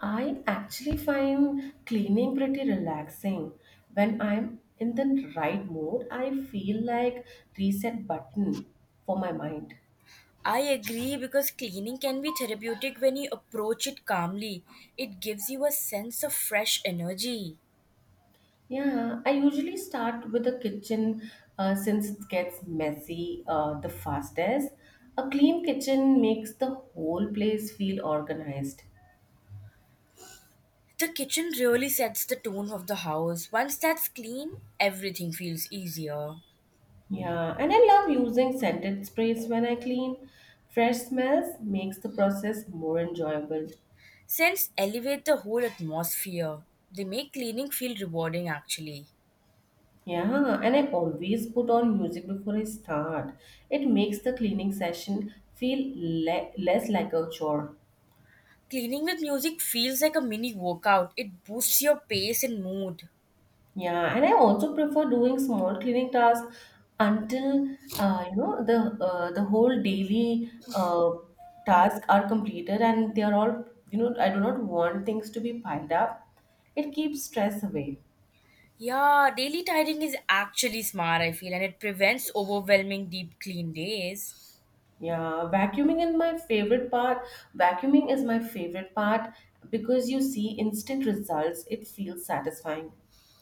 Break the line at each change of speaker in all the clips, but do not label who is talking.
I actually find cleaning pretty relaxing. When I'm in the right mood, I feel like reset button for my mind.
I agree because cleaning can be therapeutic when you approach it calmly. It gives you a sense of fresh energy.
Yeah, I usually start with the kitchen since it gets messy the fastest. A clean kitchen makes the whole place feel organized.
The kitchen really sets the tone of the house. Once that's clean, everything feels easier.
Yeah, and I love using scented sprays when I clean. Fresh smells makes the process more enjoyable.
Scents elevate the whole atmosphere. They make cleaning feel rewarding actually.
Yeah, and I always put on music before I start. It makes the cleaning session feel less like a chore.
Cleaning with music feels like a mini workout. It boosts your pace and mood.
Yeah, and I also prefer doing small cleaning tasks until you know the whole daily tasks are completed and they are all you know I do not want things to be piled up. It keeps stress away.
Yeah, daily tidying is actually smart, I feel, and it prevents overwhelming deep clean days.
Yeah, vacuuming is my favorite part. Vacuuming is my favorite part because you see instant results. It feels satisfying.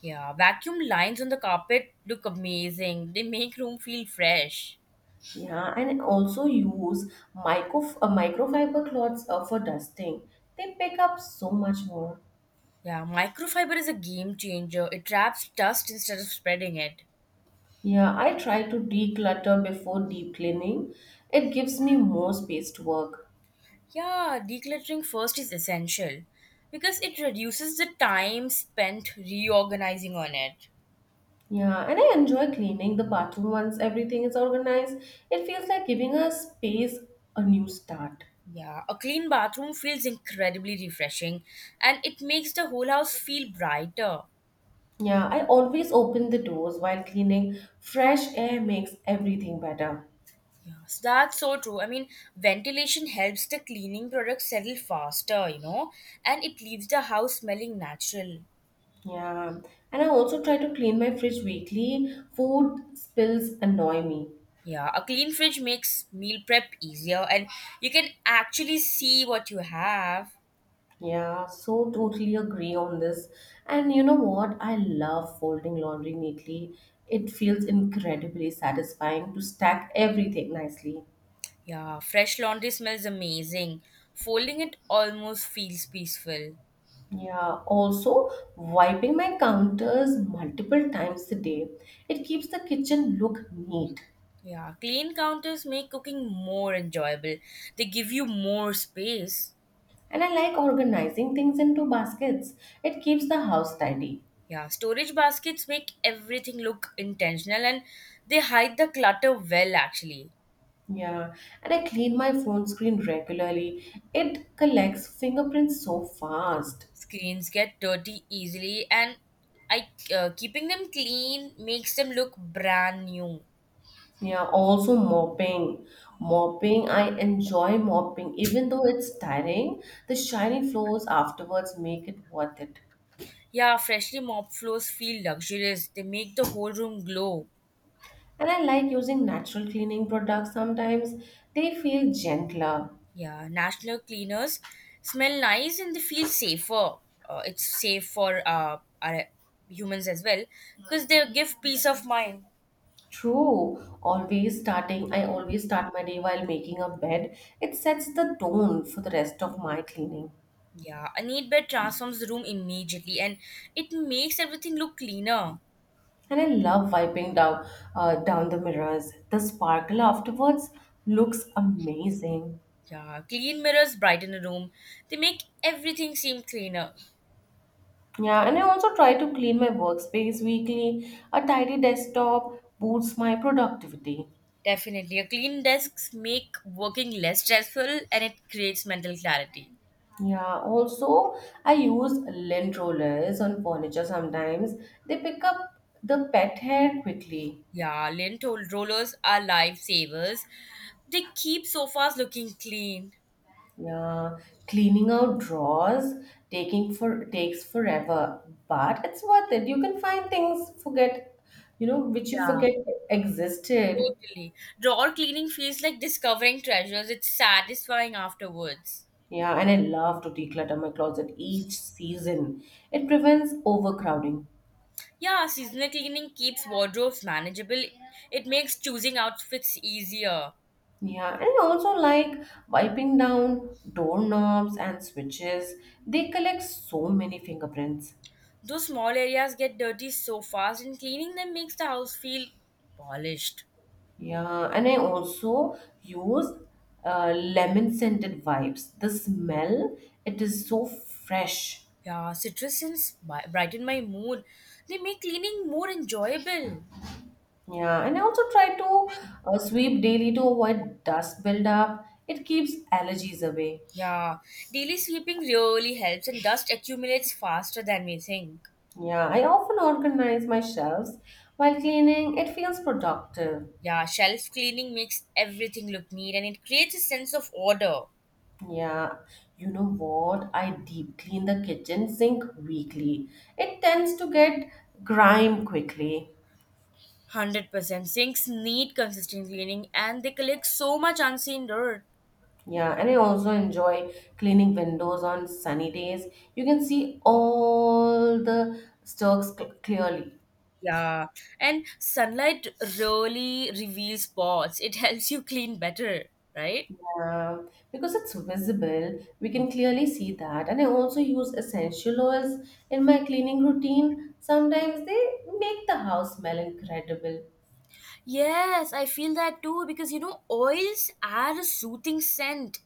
Yeah, vacuum lines on the carpet look amazing. They make room feel fresh.
Yeah, and also use microfiber cloths for dusting. They pick up so much more.
Yeah, microfiber is a game changer. It traps dust instead of spreading it.
Yeah, I try to declutter before deep cleaning. It gives me more space to work.
Yeah, decluttering first is essential because it reduces the time spent reorganizing on it.
Yeah, and I enjoy cleaning the bathroom once everything is organized. It feels like giving a space a new start.
Yeah, a clean bathroom feels incredibly refreshing and it makes the whole house feel brighter.
Yeah, I always open the doors while cleaning. Fresh air makes everything better.
Yes, that's so true. I mean, ventilation helps the cleaning products settle faster, and it leaves the house smelling natural.
Yeah, and I also try to clean my fridge weekly. Food spills annoy me.
Yeah, a clean fridge makes meal prep easier and you can actually see what you have.
Yeah, so totally agree on this. And you know what? I love folding laundry neatly. It feels incredibly satisfying to stack everything nicely.
Yeah, fresh laundry smells amazing. Folding it almost feels peaceful.
Yeah, also wiping my counters multiple times a day. It keeps the kitchen look neat.
Yeah, clean counters make cooking more enjoyable. They give you more space.
And I like organizing things into baskets. It keeps the house tidy.
Yeah, storage baskets make everything look intentional and they hide the clutter well actually.
Yeah, and I clean my phone screen regularly. It collects fingerprints so fast.
Screens get dirty easily and I keeping them clean makes them look brand new.
Yeah, also mopping. Mopping, I enjoy mopping. Even though it's tiring, the shiny floors afterwards make it worth it.
Yeah, freshly mopped floors feel luxurious. They make the whole room glow.
And I like using natural cleaning products sometimes. They feel gentler.
Yeah, national cleaners smell nice and they feel safer. It's safe for our humans as well because they give peace of mind.
True. I always start my day while making a bed. It sets the tone for the rest of my cleaning.
Yeah, a neat bed transforms the room immediately and it makes everything look cleaner.
And I love wiping down down the mirrors. The sparkle afterwards looks amazing.
Yeah, clean mirrors brighten a room. They make everything seem cleaner.
Yeah, and I also try to clean my workspace weekly. A tidy desktop boosts my productivity.
Definitely. A clean desks make working less stressful and it creates mental clarity.
Yeah, also I use lint rollers on furniture sometimes. They pick up the pet hair quickly.
Yeah, lint rollers are lifesavers. They keep sofas looking clean.
Yeah, cleaning out drawers taking for takes forever, but it's worth it. You can find things forget, you know, which you
Yeah,
forget existed.
totally. Drawer cleaning feels like discovering treasures. It's satisfying afterwards.
Yeah, and I love to declutter my closet each season. It prevents overcrowding.
Yeah, seasonal cleaning keeps wardrobes manageable. It makes choosing outfits easier.
Yeah, and I also like wiping down doorknobs and switches. They collect so many fingerprints.
Those small areas get dirty so fast, and cleaning them makes the house feel polished.
Yeah, and I also use lemon scented wipes. The smell, it is so fresh.
Yeah, citrus scents brighten my mood. They make cleaning more enjoyable.
Yeah, and I also try to sweep daily to avoid dust buildup. It keeps allergies away.
Yeah, daily sweeping really helps, and dust accumulates faster than we think.
Yeah, I often organize my shelves while cleaning. It feels productive.
Yeah, shelf cleaning makes everything look neat and it creates a sense of order.
Yeah, you know what? I deep clean the kitchen sink weekly. It tends to get grime quickly.
100%. Sinks need consistent cleaning and they collect so much unseen dirt.
Yeah, and I also enjoy cleaning windows on sunny days. You can see all the stalks clearly.
Yeah. And sunlight really reveals spots. It helps you clean better, right?
Because it's visible, we can clearly see that. And I also use essential oils in my cleaning routine. Sometimes they make the house smell incredible.
Yes, I feel that too because oils are a soothing scent.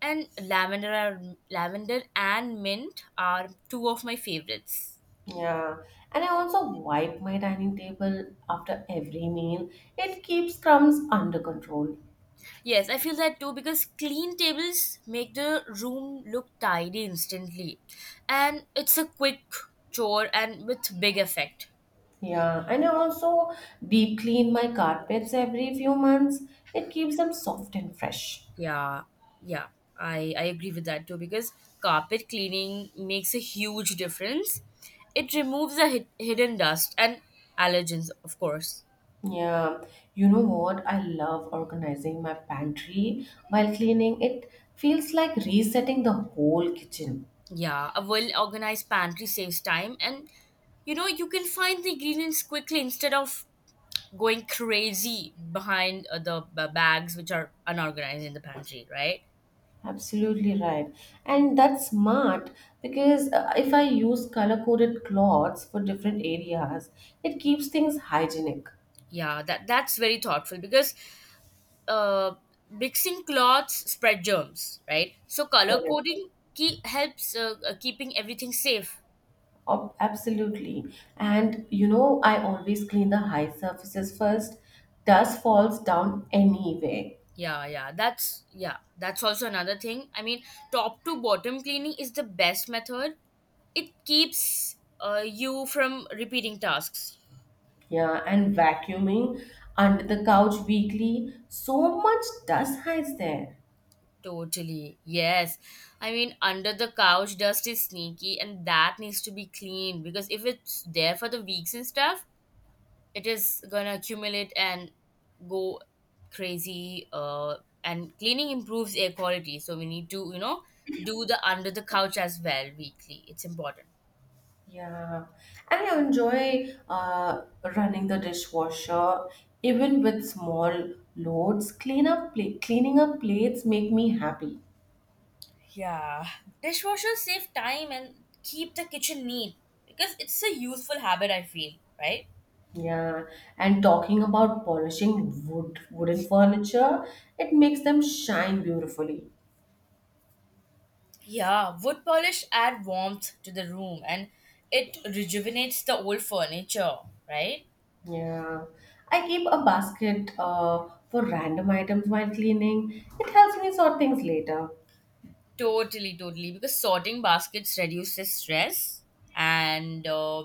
And lavender and mint are two of my favorites.
Yeah, and I also wipe my dining table after every meal. It keeps crumbs under control.
Yes, I feel that too because clean tables make the room look tidy instantly. And it's a quick chore and with big effect.
Yeah, and I also deep clean my carpets every few months. It keeps them soft and fresh.
Yeah, yeah, I agree with that too because carpet cleaning makes a huge difference. It removes the hidden dust and allergens, of course.
Yeah, you know what? I love organizing my pantry while cleaning. It feels like resetting the whole kitchen.
Yeah, a well organized pantry saves time and you know you can find the ingredients quickly instead of going crazy behind the bags which are unorganized in the pantry, right?
Absolutely right. And that's smart because if I use color coded cloths for different areas, it keeps things hygienic.
Yeah, that's very thoughtful because uh, mixing cloths spread germs, right? So color
Correct.
coding key helps keeping everything safe.
Oh, absolutely. And you know, I always clean the high surfaces first. Dust falls down anyway.
Yeah, yeah, that's also another thing. I mean, top to bottom cleaning is the best method. It keeps you from repeating tasks.
Yeah, and vacuuming under the couch weekly, so much dust hides there.
Totally. Yes. I mean, under the couch dust is sneaky and that needs to be cleaned because if it's there for the weeks and stuff, it is going to accumulate and go crazy and cleaning improves air quality. So we need to do the under the couch as well weekly. It's important.
Yeah. And I enjoy running the dishwasher even with small loads. Cleaning up plates make me happy.
Yeah. Dishwashers save time and keep the kitchen neat because it's a useful habit I feel, right?
Yeah, and talking about polishing wooden furniture, it makes them shine beautifully.
Yeah, wood polish add warmth to the room and it rejuvenates the old furniture, right?
Yeah. I keep a basket for random items while cleaning. It helps me sort things later.
Totally, totally. Because sorting baskets reduces stress and uh,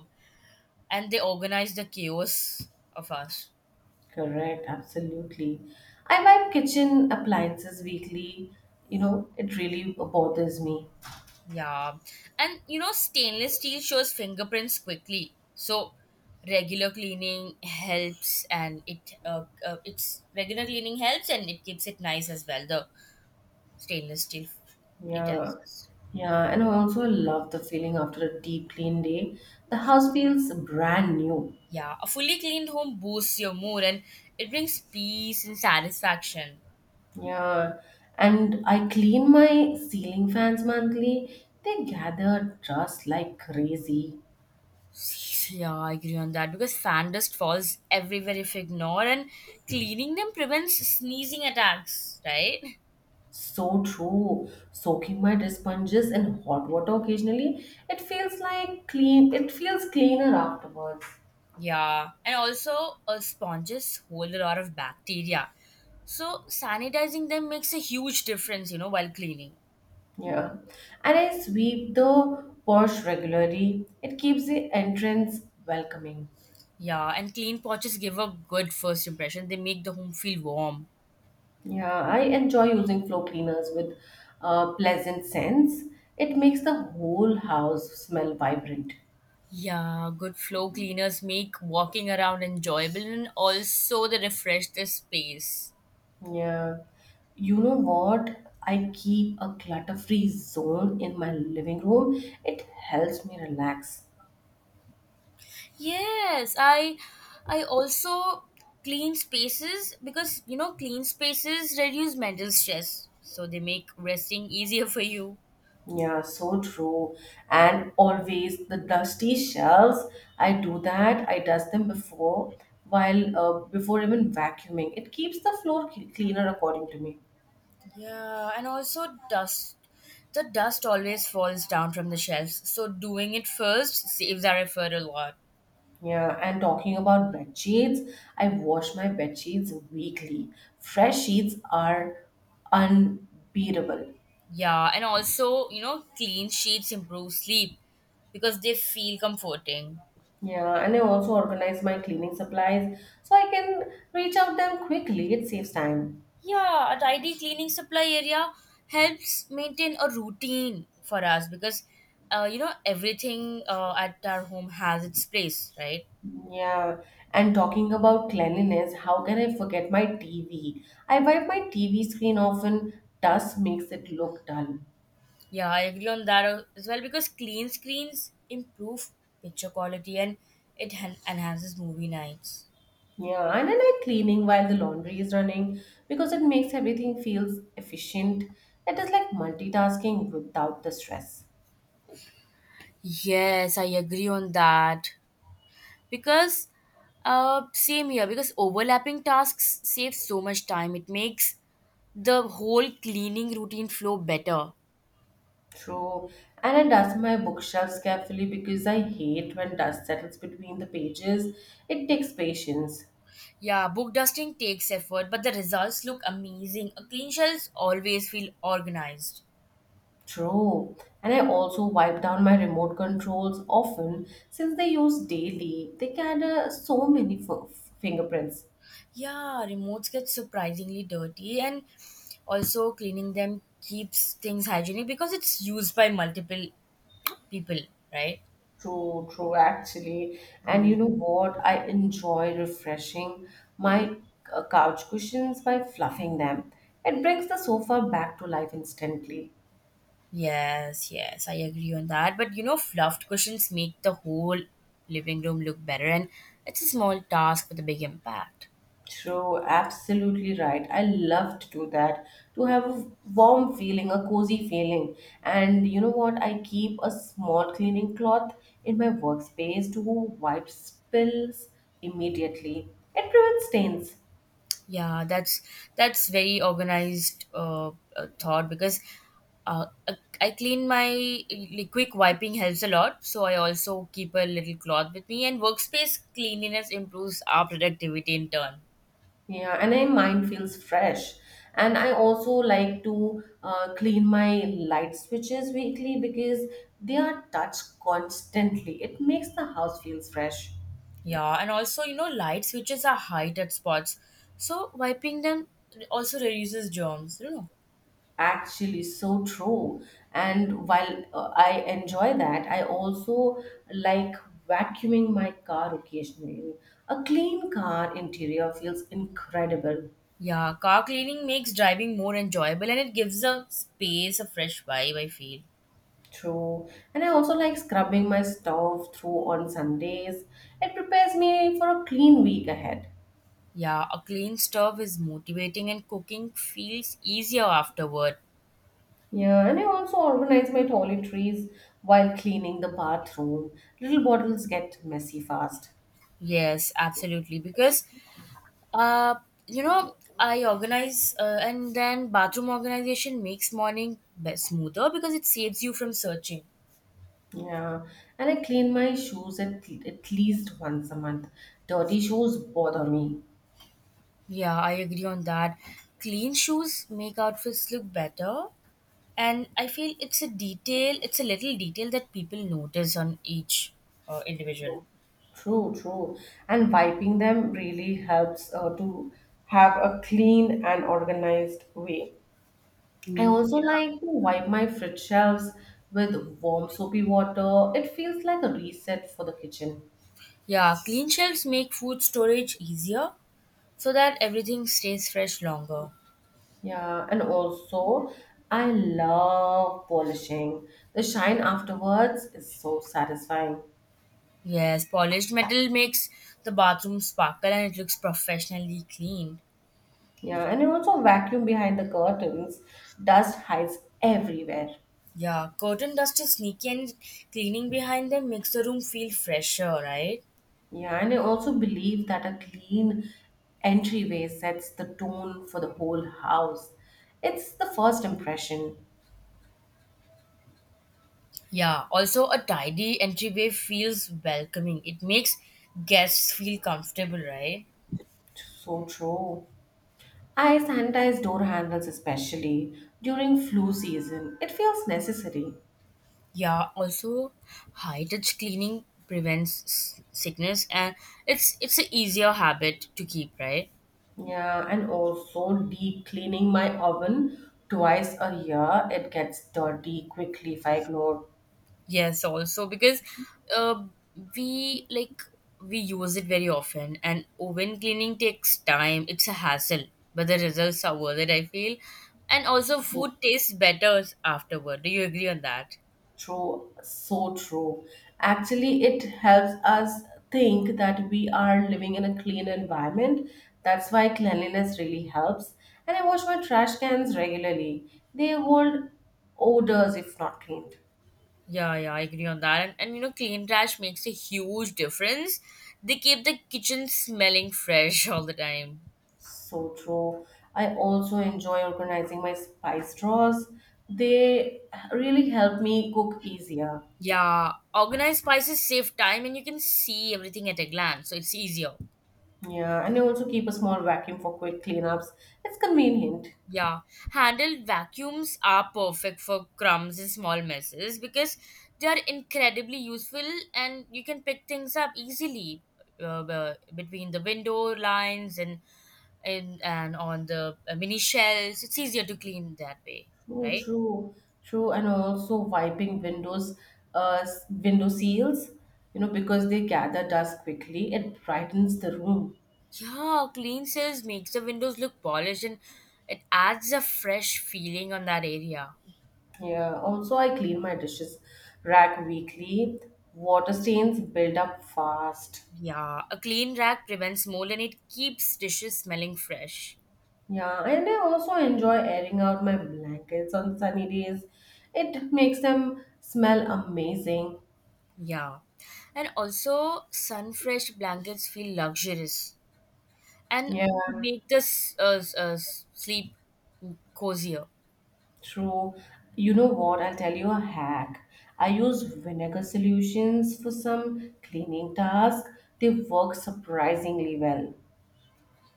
and they organize the chaos of us.
Correct, absolutely. I buy kitchen appliances weekly. You know, it really bothers me.
Yeah, and you know stainless steel shows fingerprints quickly, so regular cleaning helps and it keeps it nice as well. The stainless steel, it
Yeah.
helps.
Yeah, and I also love the feeling after a deep clean day. The house feels brand new.
Yeah, a fully cleaned home boosts your mood and it brings peace and satisfaction.
Yeah, and I clean my ceiling fans monthly. They gather dust like crazy.
Yeah, I agree on that because fan dust falls everywhere if ignored, and cleaning them prevents sneezing attacks, right?
So true. Soaking my dish sponges in hot water occasionally, it feels like clean. It feels cleaner afterwards.
Yeah, and also sponges hold a lot of bacteria, so sanitizing them makes a huge difference, while cleaning.
Yeah, and I sweep the porch regularly. It keeps the entrance welcoming.
Yeah, and clean pouches give a good first impression. They make the home feel warm.
Yeah, I enjoy using floor cleaners with a pleasant scents. It makes the whole house smell vibrant.
Yeah, good floor cleaners make walking around enjoyable and also they refresh the space.
Yeah. You know what? I keep a clutter-free zone in my living room. It helps me relax.
Yes, I also clean spaces because you know clean spaces reduce mental stress, so they make resting easier for you.
Yeah, so true. And always the dusty shelves, I do that. I dust them before while before even vacuuming. It keeps the floor cleaner according to me.
Yeah, and also dust. The dust always falls down from the shelves, so doing it first saves our effort a lot.
Yeah, and talking about bed sheets, I wash my bed sheets weekly. Fresh sheets are unbeatable.
Yeah, and also you know clean sheets improve sleep because they feel comforting.
Yeah, and I also organize my cleaning supplies so I can reach out them quickly. It saves time.
Yeah, a tidy cleaning supply area helps maintain a routine for us because you know everything at our home has its place, right?
Yeah, and talking about cleanliness, how can I forget my TV? I wipe my TV screen often, dust makes it look dull.
Yeah, I agree on that as well because clean screens improve picture quality and it enhances movie nights.
Yeah, and I like cleaning while the laundry is running because it makes everything feels efficient. It is like multitasking without the stress.
Yes, I agree on that because same here because overlapping tasks save so much time. It makes the whole cleaning routine flow better.
True. And I dust my bookshelves carefully because I hate when dust settles between the pages. It takes patience.
Yeah, book dusting takes effort, but the results look amazing. A clean shelves always feel organized.
True. And I also wipe down my remote controls often since they use daily. They gather so many fingerprints.
Yeah, remotes get surprisingly dirty, and also cleaning them keeps things hygienic because it's used by multiple people, right?
True, true, actually. And you know what? I enjoy refreshing my couch cushions by fluffing them. It brings the sofa back to life instantly.
Yes, yes, I agree on that. But fluffed cushions make the whole living room look better, and it's a small task with a big impact.
True, absolutely right. I love to do that to have a warm feeling, a cozy feeling. And you know what? I keep a small cleaning cloth in my workspace to wipe spills immediately. It prevents stains.
Yeah, that's very organized thought because I clean my like, quick wiping helps a lot. So I also keep a little cloth with me, and workspace cleanliness improves our productivity in turn.
Yeah, and my mind feels fresh. And I also like to clean my light switches weekly because they are touched constantly. It makes the house feels fresh.
Yeah, and also you know light switches are high touch spots, so wiping them also reduces germs. You know.
Actually, so true. And while I enjoy that, I also like vacuuming my car occasionally. A clean car interior feels incredible.
Yeah, car cleaning makes driving more enjoyable, and it gives a space a fresh vibe. I feel.
True. And I also like scrubbing my stove through on Sundays. It prepares me for a clean week ahead.
Yeah, a clean stove is motivating and cooking feels easier afterward.
Yeah, and I also organize my toiletries while cleaning the bathroom. Little bottles get messy fast.
Yes, absolutely. Because, uh, you know, I organize and then bathroom organization makes morning smoother because it saves you from searching.
Yeah, and I clean my shoes at least once a month. Dirty shoes bother me.
Yeah, I agree on that. Clean shoes make outfits look better. And I feel it's a little detail that people notice on each individual.
True, true, true. And wiping them really helps to have a clean and organized way. I also like to wipe my fridge shelves with warm soapy water. It feels like a reset for the kitchen.
Yeah, clean shelves make food storage easier, so that everything stays fresh longer.
Yeah, and also I love polishing. The shine afterwards is so satisfying.
Yes, polished metal makes the bathroom sparkle and it looks professionally clean.
Yeah, and you also vacuum behind the curtains, dust hides everywhere.
Yeah, curtain dust is sneaky and cleaning behind them makes the room feel fresher, right?
Yeah, and I also believe that a clean entryway sets the tone for the whole house. It's the first impression.
Yeah, also a tidy entryway feels welcoming. It makes guests feel comfortable, right?
So true. I sanitize door handles especially during flu season. It feels necessary.
Yeah, also high touch cleaning prevents sickness and it's an easier habit to keep, right?
Yeah, and also deep cleaning my oven twice a year. It gets dirty quickly if I ignore.
Yes, also because uh, we like we use it very often, and oven cleaning takes time. It's a hassle, but the results are worth it. I feel, and also food tastes better afterward. Do you agree on that?
True, so true. Actually, it helps us think that we are living in a clean environment. That's why cleanliness really helps. And I wash my trash cans regularly. They hold odors if not cleaned.
Yeah, yeah, I agree on that. And clean trash makes a huge difference. They keep the kitchen smelling fresh all the time.
So true. I also enjoy organizing my spice drawers. They really help me cook easier.
Yeah, organized spices save time, and you can see everything at a glance, so it's easier.
Yeah, and I also keep a small vacuum for quick cleanups. It's convenient.
Yeah, handheld vacuums are perfect for crumbs and small messes because they are incredibly useful and you can pick things up easily between the window lines and on the mini shelves. It's easier to clean that way,
True,
right?
true, true, and also wiping windows, window seals, you know, because they gather dust quickly. It brightens the room.
Yeah, clean cells makes the windows look polished and it adds a fresh feeling on that area.
Yeah. Also, I clean my dishes rack weekly. Water stains build up fast.
Yeah, a clean rack prevents mold and it keeps dishes smelling fresh.
Yeah, and I also enjoy airing out my blankets on sunny days. It makes them smell amazing.
Yeah. And also, sun fresh blankets feel luxurious and
Yeah.
make the sleep cozier.
True. You know what? I'll tell you a hack. I use vinegar solutions for some cleaning tasks. They work surprisingly well.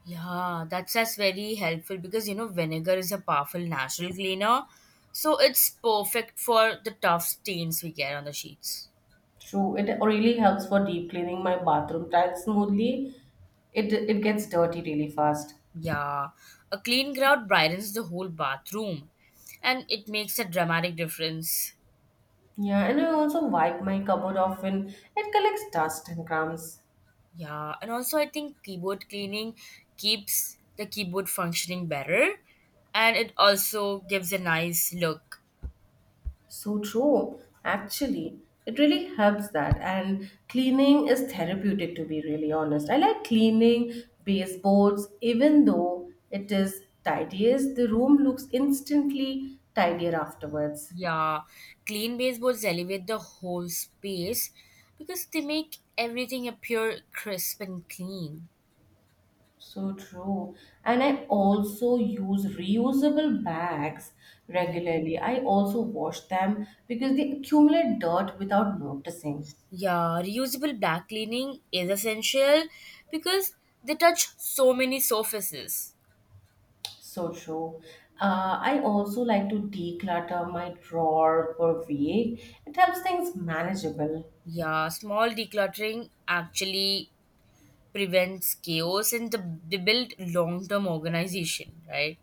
Yeah, that's very helpful because vinegar is a powerful natural cleaner. So it's perfect for the tough stains we get on the sheets.
True. It really helps for deep cleaning my bathroom tiles smoothly. It gets dirty really fast.
Yeah. A clean grout brightens the whole bathroom and it makes a dramatic difference.
Yeah, and I also wipe my cupboard often. It collects dust and crumbs.
Yeah, and also I think keyboard cleaning keeps the keyboard functioning better and it also gives a nice look.
So true. Actually, it really helps that. And cleaning is therapeutic, to be really honest. I like cleaning baseboards, even though it is tidiest, the room looks instantly tidier afterwards.
Yeah, clean baseboards elevate the whole space because they make everything appear crisp and clean.
So true. And I also use reusable bags
Mhm.
regularly. I also wash them because they accumulate dirt without noticing.
Yeah, reusable back cleaning is essential because they touch so many surfaces.
So true. I also like to declutter my drawer per week. It helps things manageable.
Yeah, small decluttering actually prevents chaos and they build long-term organization, right.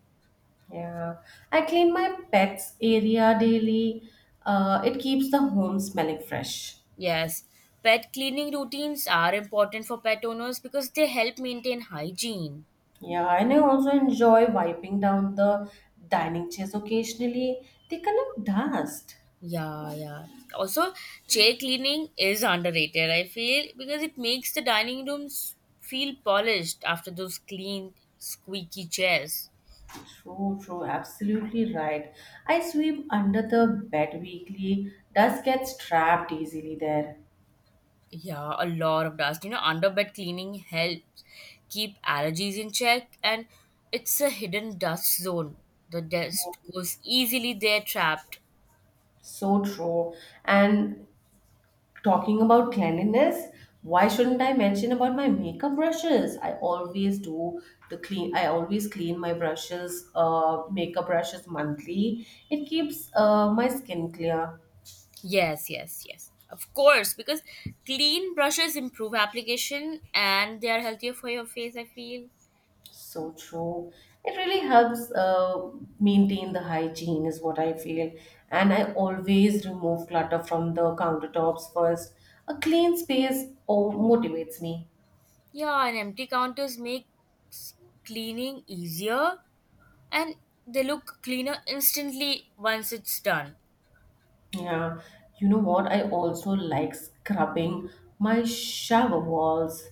Yeah. I clean my pets area daily. It keeps the home smelling fresh.
Yes, pet cleaning routines are important for pet owners because they help maintain hygiene.
Yeah, and I also enjoy wiping down the dining chairs occasionally. They collect dust.
Yeah, yeah, also chair cleaning is underrated, I feel, because it makes the dining rooms feel polished after those clean squeaky chairs.
True, true, absolutely right. I sweep under the bed weekly. Dust gets trapped easily there.
Yeah, a lot of dust. You know, underbed cleaning helps keep allergies in check, and it's a hidden dust zone. The dust goes easily there, trapped.
So true. And talking about cleanliness, why shouldn't I mention about my makeup brushes? I always do the clean. I always clean my brushes, makeup brushes monthly. It keeps my skin clear.
Yes, yes, yes. Of course, because clean brushes improve application and they are healthier for your face, I feel.
So true. It really helps maintain the hygiene, is what I feel. And I always remove clutter from the countertops first. A clean space, oh, motivates me.
Yeah, and empty counters make s- cleaning easier and they look cleaner instantly once it's done.
Yeah, you know what? I also like scrubbing my shower walls.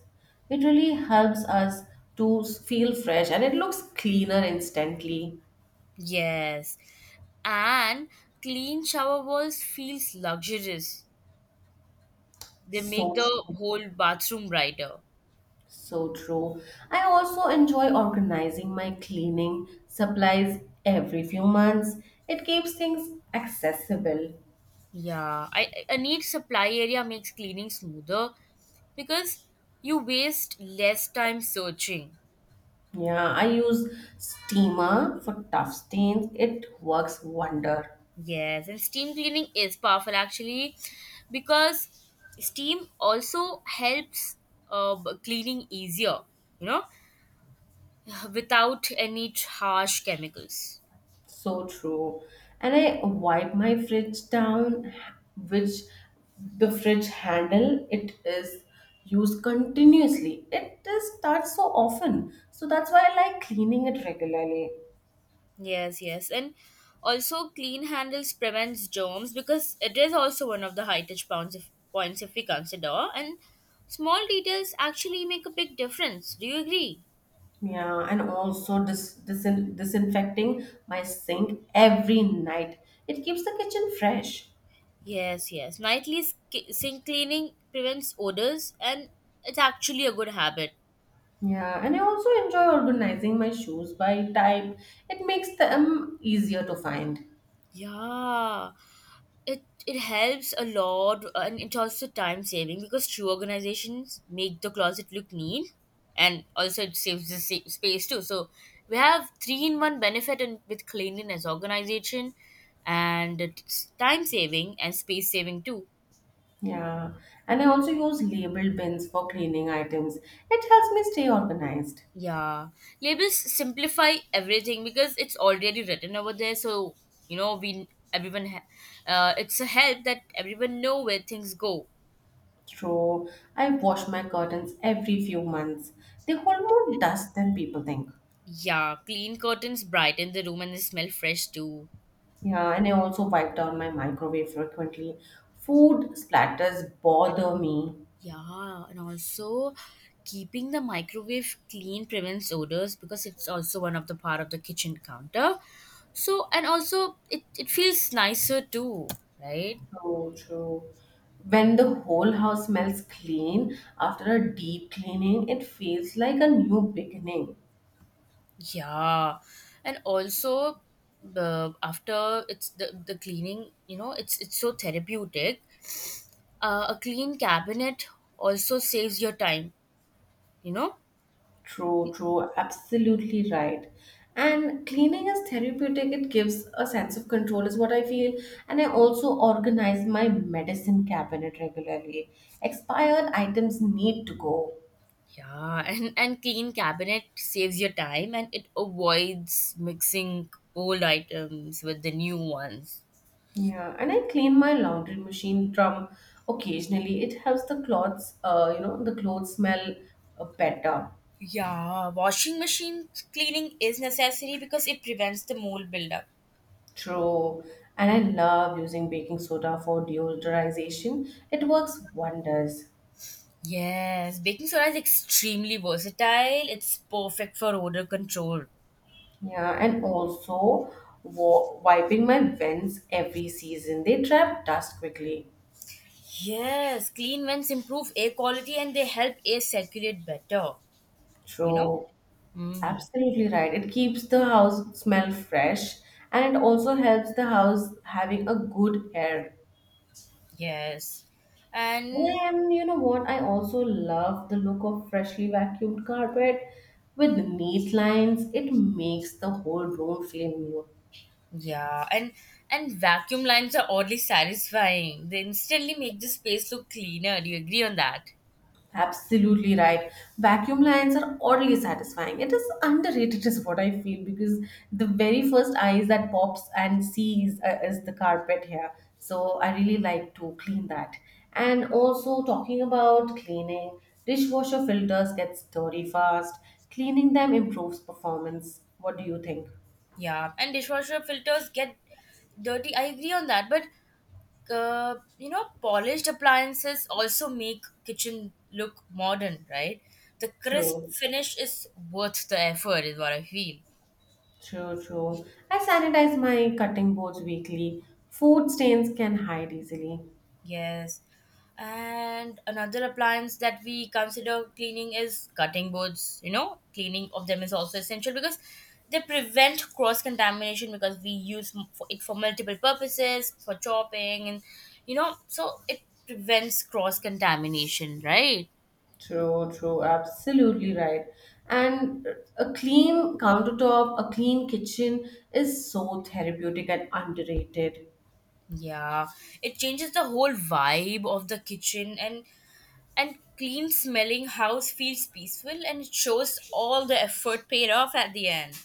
It really helps us to feel fresh, and it looks cleaner instantly.
Yes. And clean shower walls feels luxurious. They make
So
the
true.
whole bathroom brighter.
So true. I also enjoy organizing my cleaning supplies every few months. It keeps things accessible.
Yeah, I a neat supply area makes cleaning smoother because you waste less time searching.
Yeah, I use steamer for tough stains. It works wonder.
Yes, and steam cleaning is powerful actually because steam also helps cleaning easier, you know, without any harsh chemicals.
So true. And I wipe my fridge down, which the fridge handle, it is used continuously. It is that so often. So that's why I like cleaning it regularly.
Yes, yes. And also clean handles prevents germs because it is also one of the high touch points if we consider. And small details actually make a big difference. Do you agree?
Yeah, and also disinfecting my sink every night. It keeps the kitchen fresh.
Yes, yes. Nightly sink cleaning prevents odors and it's actually a good habit.
Yeah, and I also enjoy organizing my shoes by type. It makes them easier to find.
Yeah. It helps a lot, and it's also time saving because true organizations make the closet look neat, and also it saves the space too. So we have three in one benefit and with cleanliness, organization, and it's time saving and space saving too.
Yeah, and I also use labeled bins for cleaning items. It helps me stay organized.
Yeah, labels simplify everything because it's already written over there. So you know, it's a help that everyone know where things go.
True, I wash my curtains every few months. They hold more dust than people think.
Yeah, clean curtains brighten the room and they smell fresh too.
Yeah, and I also wipe down my microwave frequently. Food splatters bother me.
Yeah, and also keeping the microwave clean prevents odors because it's also one of the part of the kitchen counter. So, and also it feels nicer too, right?
True, true. When the whole house smells clean after a deep cleaning, it feels like a new beginning.
Yeah. And also the after the cleaning, you know, it's so therapeutic. A clean cabinet also saves your time, you know?
True, true, absolutely right. And cleaning is therapeutic, it gives a sense of control, is what I feel. And I also organize my medicine cabinet regularly. Expired items need to go.
Yeah, and clean cabinet saves your time and it avoids mixing old items with the new ones.
Yeah, and I clean my laundry machine from occasionally. It helps the clothes, the clothes smell better.
Yeah, washing machine cleaning is necessary because it prevents the mold buildup.
True. And I love using baking soda for deodorization. It works wonders.
Yes, baking soda is extremely versatile. It's perfect for odor control.
Yeah, and also wiping my vents every season. They trap dust quickly.
Yes, clean vents improve air quality and they help air circulate better, you know?
True.
Mm.
Absolutely right. It keeps the house smell fresh, and it also helps the house having a good air.
Yes. And
And you know what? I also love the look of freshly vacuumed carpet with neat lines. It makes the whole room feel new.
yeah, and vacuum lines are oddly satisfying. They instantly make the space look cleaner. Do you agree on that?
Absolutely right. Vacuum lines are oddly satisfying. It is underrated, is what I feel, because the very first eyes that pops and sees is the carpet here. So I really like to clean that. And also, talking about cleaning, dishwasher filters get dirty fast. Cleaning them improves performance. What do you think?
Yeah, and dishwasher filters get dirty. I agree on that, but you know, polished appliances also make kitchen look modern, right? The crisp
True,
finish is worth the effort, is what I feel.
true, true. I sanitize my cutting boards weekly. Food stains can hide easily.
Yes. And another appliance that we consider cleaning is cutting boards. You know, cleaning of them is also essential because they prevent cross contamination because we use for it for multiple purposes, for chopping, and you know, so it prevents cross contamination, right?
True, true, absolutely right. And a clean countertop, a clean kitchen is so therapeutic and underrated.
Yeah. It changes the whole vibe of the kitchen and clean smelling house feels peaceful and it shows all the effort paid off at the end.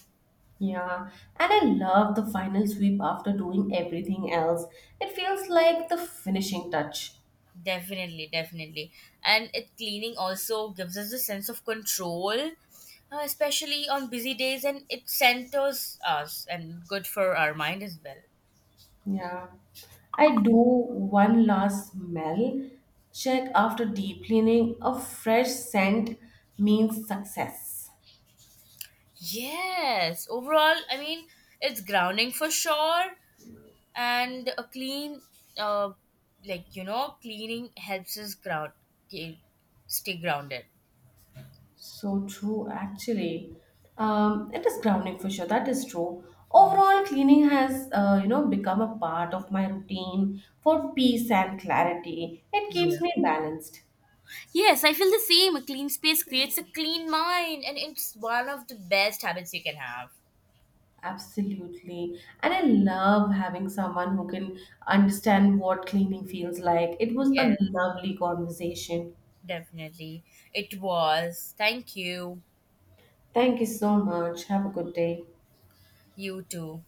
Yeah, and I love the final sweep after doing everything else. It feels like the finishing touch.
Definitely, definitely. And it cleaning also gives us a sense of control, especially on busy days, and it centers us and good for our mind as well.
Yeah. I do one last smell check after deep cleaning. A fresh scent means success.
Yes, overall, I mean, it's grounding for sure, and a uh, you know, cleaning helps us ke- stay grounded.
So true, actually. It is grounding for sure. That is true. Overall, cleaning has, become a part of my routine for peace and clarity. It keeps
Yeah.
me balanced.
Yes, I feel the same. A clean space creates a clean mind, and it's one of the best habits you can have.
Absolutely. And I love having someone who can understand what cleaning feels like. It was a
Yes.
lovely conversation.
Definitely. It was. Thank you.
Thank you so much. Have a good day.
You too.